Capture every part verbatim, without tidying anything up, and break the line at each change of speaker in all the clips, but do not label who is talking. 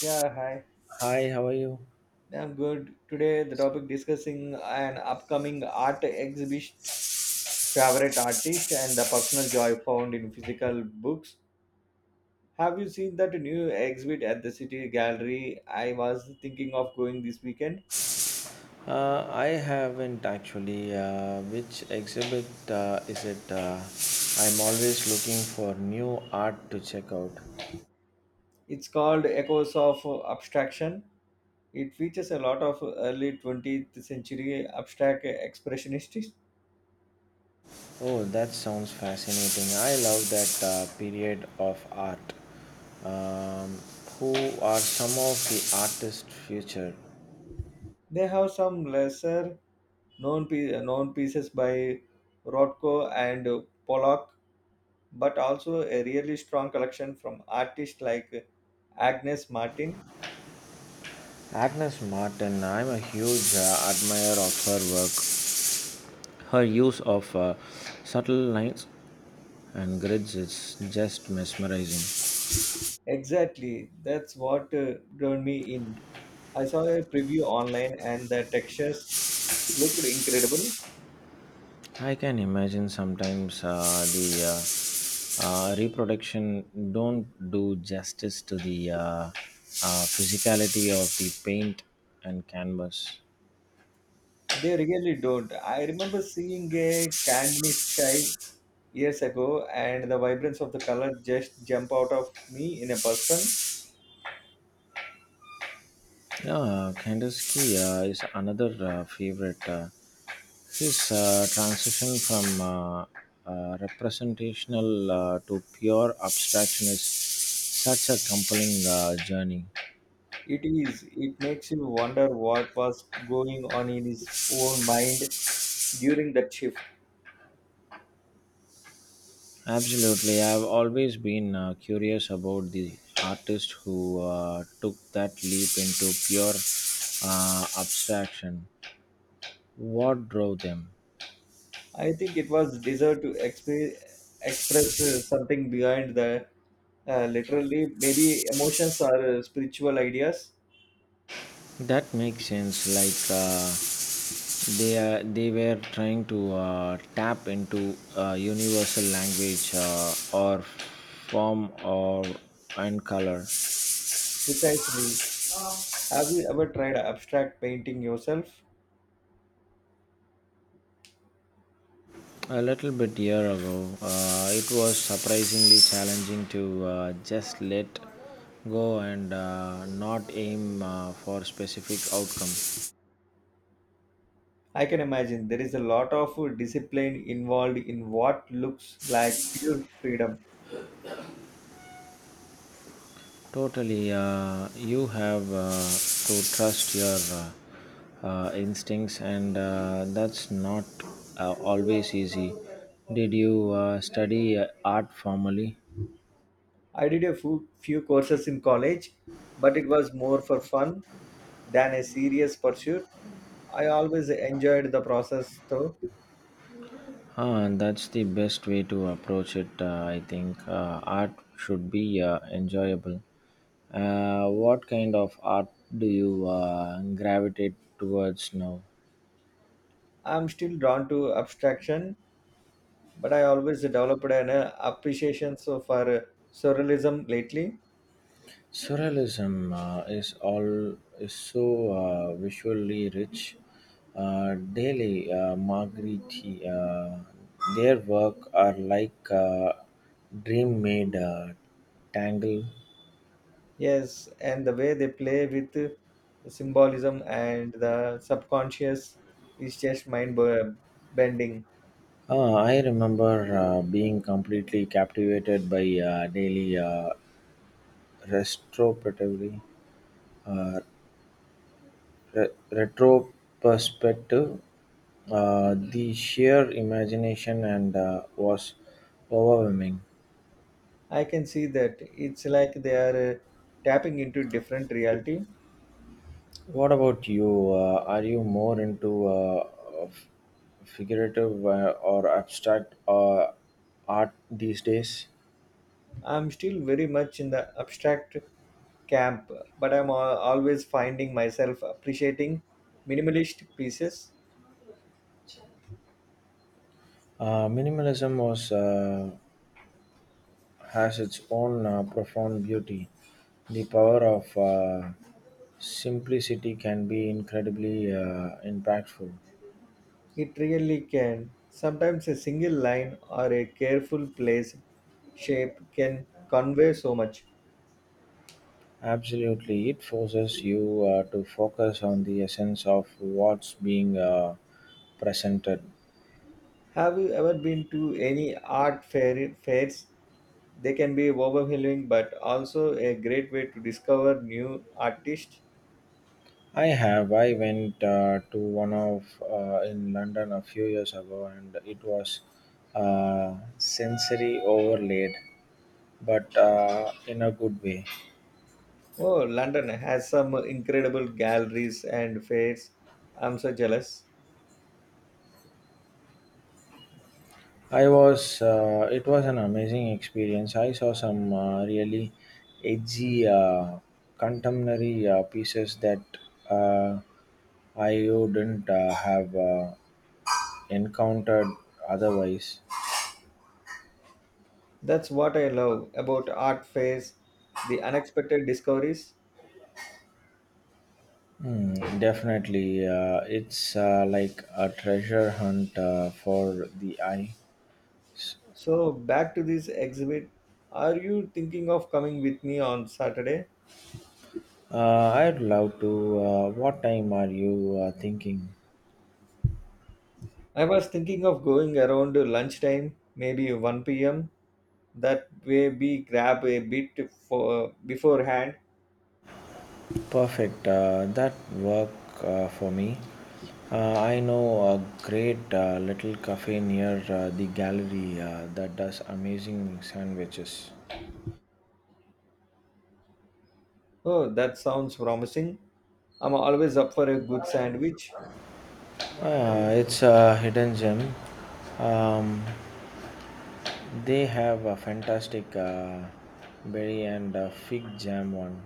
Yeah, hi.
Hi, how are you?
Yeah, I'm good. Today, the topic discussing an upcoming art exhibition, favorite artist, and the personal joy found in physical books. Have you seen that new exhibit at the City Gallery? I was thinking of going this weekend.
Uh, I haven't actually. Uh, which exhibit uh, is it? Uh, I'm always looking for new art to check out.
It's called Echoes of Abstraction. It features a lot of early twentieth century abstract expressionists.
Oh, that sounds fascinating. I love that uh, period of art. Um, who are some of the artists featured?
They have some lesser known, pie- known pieces by Rothko and Pollock, but also a really strong collection from artists like Agnes Martin.
Agnes Martin, I'm a huge uh, admirer of her work. Her use of uh, subtle lines and grids is just mesmerizing.
Exactly, that's what uh, drew me in. I saw a preview online and the textures looked incredible.
I can imagine sometimes uh, the uh, uh, reproduction don't do justice to the uh, uh, physicality of the paint and canvas.
They really don't. I remember seeing a Candini sky years ago and the vibrance of the color just jump out of me in a person.
Yeah, Kandinsky uh, is another uh, favorite. Uh, his uh, transition from uh, uh, representational uh, to pure abstraction is such a compelling uh, journey.
It is. It makes you wonder what was going on in his own mind during that shift.
Absolutely. I've always been uh, curious about the artists who uh, took that leap into pure uh, abstraction. What drove them?
I think it was desire to exp- express uh, something behind the uh, literally maybe emotions or uh, spiritual ideas.
That makes sense. Like uh, they uh, they were trying to uh, tap into a universal language uh, or form or and color.
Precisely. Have you ever tried abstract painting yourself?
A little bit year ago, uh, it was surprisingly challenging to uh, just let go and uh, not aim uh, for specific outcome.
I can imagine there is a lot of uh, discipline involved in what looks like pure freedom.
Totally, uh, you have uh, to trust your uh, uh, instincts, and uh, that's not uh, always easy. Did you uh, study uh, art formally?
I did a few, few courses in college, but it was more for fun than a serious pursuit. I always enjoyed the process though.
Huh, that's the best way to approach it. Uh, I think uh, art should be uh, enjoyable. Uh, what kind of art do you uh, gravitate towards now?
I'm still drawn to abstraction, but I always developed an uh, appreciation so for uh, surrealism lately.
Surrealism uh, is all is so uh, visually rich. Uh, daily uh, Margheriti, uh, their work are like uh, dream made uh, tangle.
Yes, and the way they play with uh, symbolism and the subconscious is just mind b- bending.
Uh, I remember uh, being completely captivated by uh, daily uh, retrospectively, uh, re- retrospective. Uh, the sheer imagination and uh, was overwhelming.
I can see that. It's like they are uh, tapping into different reality.
What about you? Uh, are you more into uh, f- figurative uh, or abstract uh, art these days?
I'm still very much in the abstract camp, but I'm al- always finding myself appreciating minimalist pieces.
Uh, minimalism was uh, has its own uh, profound beauty. The power of uh, simplicity can be incredibly uh, impactful.
It really can. Sometimes a single line or a careful place shape can convey so much.
Absolutely, it forces you uh, to focus on the essence of what's being uh, presented.
Have you ever been to any art fair, fairs? They can be overwhelming but also a great way to discover new artists.
I have. I went uh, to one of uh, in London a few years ago, and it was uh, sensory overlaid, but uh, in a good way.
Oh, London has some incredible galleries and fairs. I'm so jealous.
I was, uh, it was an amazing experience. I saw some uh, really edgy uh, contemporary uh, pieces that uh, I wouldn't uh, have uh, encountered otherwise.
That's what I love about art fairs, the unexpected discoveries.
Hmm, definitely. Uh, it's uh, like a treasure hunt uh, for the eyes.
So back to this exhibit. Are you thinking of coming with me on Saturday?
Uh, I'd love to. Uh, what time are you uh, thinking?
I was thinking of going around lunchtime, maybe one p m. That way we grab a bit for beforehand.
Perfect. Uh, that work uh, for me. Uh, I know a great uh, little cafe near uh, the gallery uh, that does amazing sandwiches.
Oh, that sounds promising. I'm always up for a good sandwich,
Uh, it's a hidden gem. Um, they have a fantastic uh, berry and uh, fig jam one.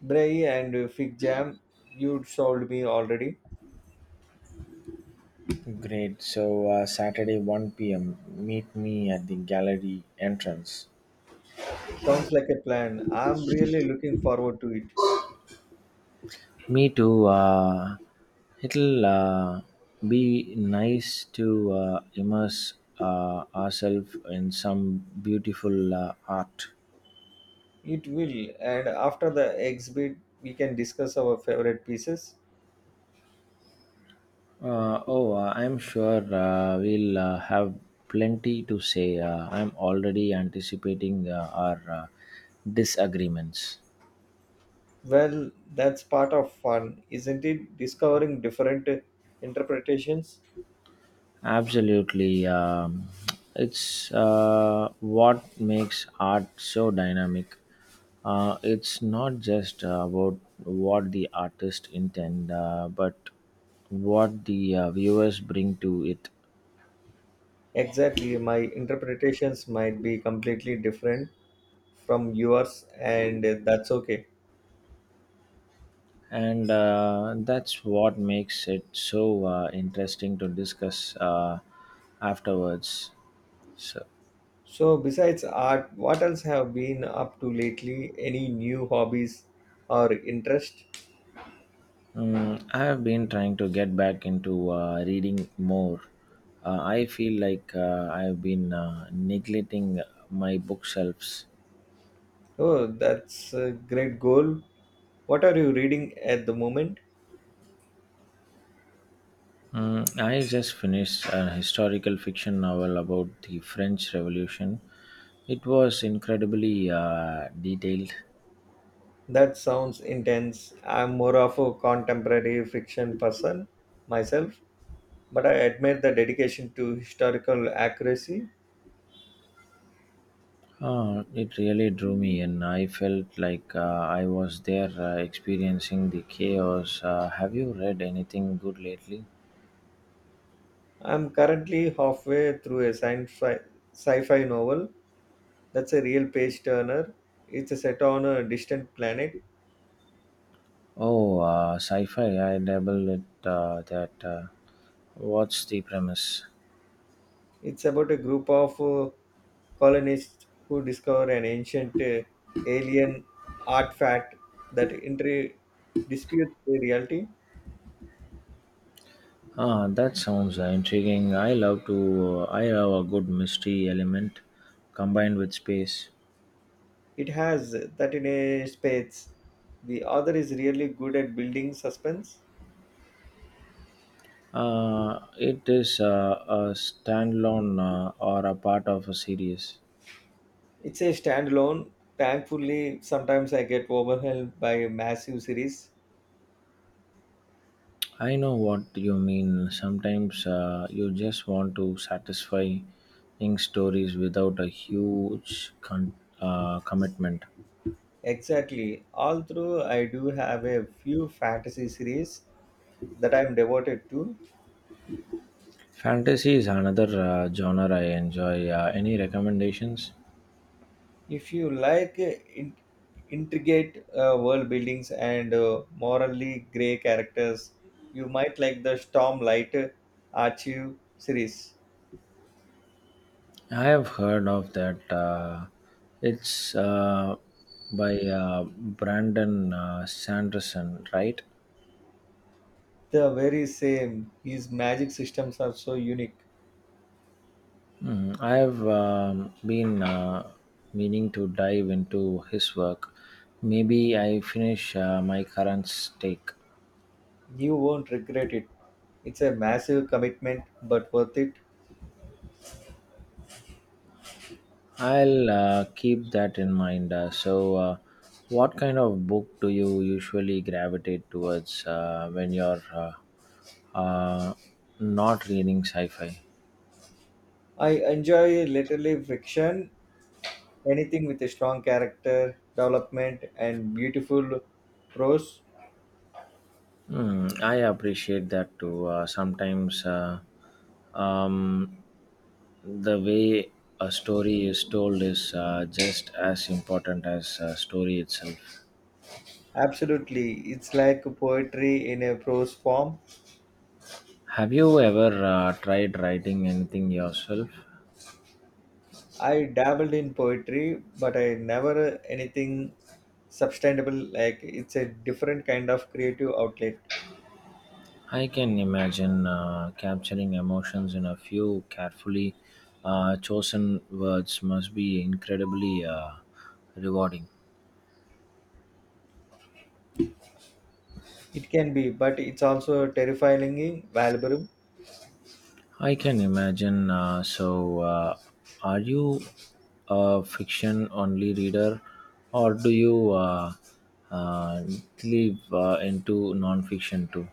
brie and fig jam. You sold me already.
Great. So uh, Saturday one p m. Meet me at the gallery entrance.
Sounds like a plan. I'm really looking forward to it.
Me too. Uh, it'll uh, be nice to uh, immerse uh, ourselves in some beautiful uh, art.
It will. And after the exhibit, we can discuss our favorite pieces.
Uh, oh, uh, I'm sure uh, we'll uh, have plenty to say. Uh, I'm already anticipating uh, our uh, disagreements.
Well, that's part of fun, isn't it? Discovering different interpretations.
Absolutely. Um, it's uh, what makes art so dynamic. Uh, it's not just uh, about what the artist intend, uh, but what the uh, viewers bring to it.
Exactly, my interpretations might be completely different from yours, and that's okay.
And uh, that's what makes it so uh, interesting to discuss uh, afterwards. So.
So, besides art, what else have been up to lately? Any new hobbies or interest?
Mm, I have been trying to get back into uh, reading more. Uh, I feel like uh, I have been uh, neglecting my bookshelves.
Oh, that's a great goal. What are you reading at the moment?
Mm, I just finished a historical fiction novel about the French Revolution. It was incredibly uh, detailed.
That sounds intense. I'm more of a contemporary fiction person myself, but I admire the dedication to historical accuracy.
Uh, it really drew me in. I felt like uh, I was there uh, experiencing the chaos. Uh, have you read anything good lately?
I'm currently halfway through a sci-fi, sci-fi novel that's a real page turner. It's a set on a distant planet.
Oh, uh, sci-fi. I dabble with uh, that. Uh, what's the premise?
It's about a group of uh, colonists who discover an ancient uh, alien artifact that inter- disputes the reality.
Ah, that sounds uh, intriguing. I love to. I love a good mystery element combined with space.
It has that in a space. The author is really good at building suspense.
Uh, it is uh, a standalone uh, or a part of a series.
It's a standalone. Thankfully, sometimes I get overwhelmed by a massive series.
I know what you mean. Sometimes uh, you just want to satisfy, satisfying stories without a huge con- uh, commitment.
Exactly. Although I do have a few fantasy series that I'm devoted to.
Fantasy is another uh, genre I enjoy. Uh, any recommendations?
If you like uh, in- intricate uh, world buildings and uh, morally gray characters, you might like the Stormlight uh, Archive series.
I have heard of that. Uh, it's uh, by uh, Brandon uh, Sanderson, right?
The very same. His magic systems are so unique.
Mhm. I have um, been uh, meaning to dive into his work. Maybe I finish uh, my current stake.
You won't regret it. It's a massive commitment, but worth it.
I'll uh, keep that in mind. Uh, so, uh, what kind of book do you usually gravitate towards uh, when you're uh, uh, not reading sci fi?
I enjoy literary fiction, anything with a strong character development and beautiful prose.
Hmm, I appreciate that too. Uh, sometimes uh, um, the way a story is told is uh, just as important as uh, story itself.
Absolutely, it's like poetry in a prose form.
Have you ever uh, tried writing anything yourself?
I dabbled in poetry, but I never anything sustainable. Like it's a different kind of creative outlet.
I can imagine uh, capturing emotions in a few carefully uh, chosen words must be incredibly uh, rewarding.
It can be, but it's also terrifyingly valuable.
I can imagine. Uh, so, uh, are you a fiction only reader or do you uh, uh, delve uh, into non fiction too?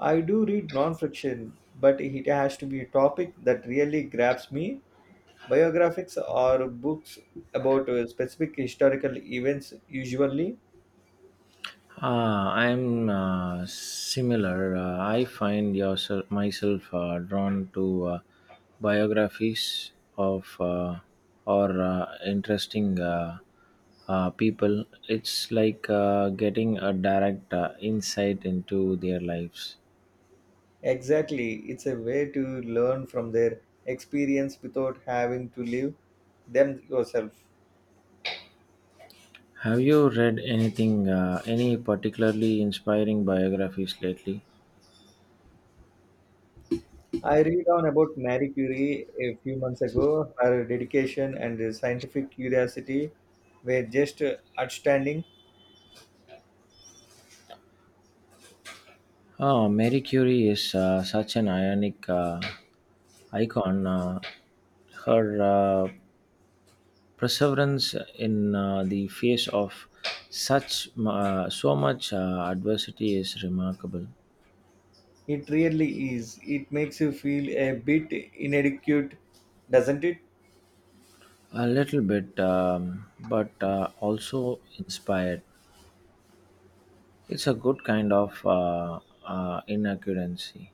I do read non-fiction, but it has to be a topic that really grabs me. Biographics or books about uh, specific historical events usually.
Uh, I'm uh, similar. Uh, I find yourself, myself uh, drawn to uh, biographies of uh, or uh, interesting uh, uh, people. It's like uh, getting a direct uh, insight into their lives.
Exactly, it's a way to learn from their experience without having to live them yourself.
Have you read anything, uh, any particularly inspiring biographies lately?
I read on about Marie Curie a few months ago. Her dedication and scientific curiosity were just uh, outstanding.
Oh, Mary Curie is uh, such an ionic uh, icon. Uh, her uh, perseverance in uh, the face of such uh, so much uh, adversity is remarkable.
It really is. It makes you feel a bit inadequate, doesn't it?
A little bit um, but uh, also inspired. It's a good kind of uh, uh, inaccuracy.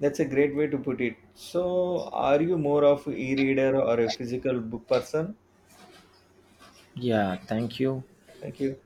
That's a great way to put it. So, are you more of e reader or a physical book person?
Yeah, thank you.
Thank you.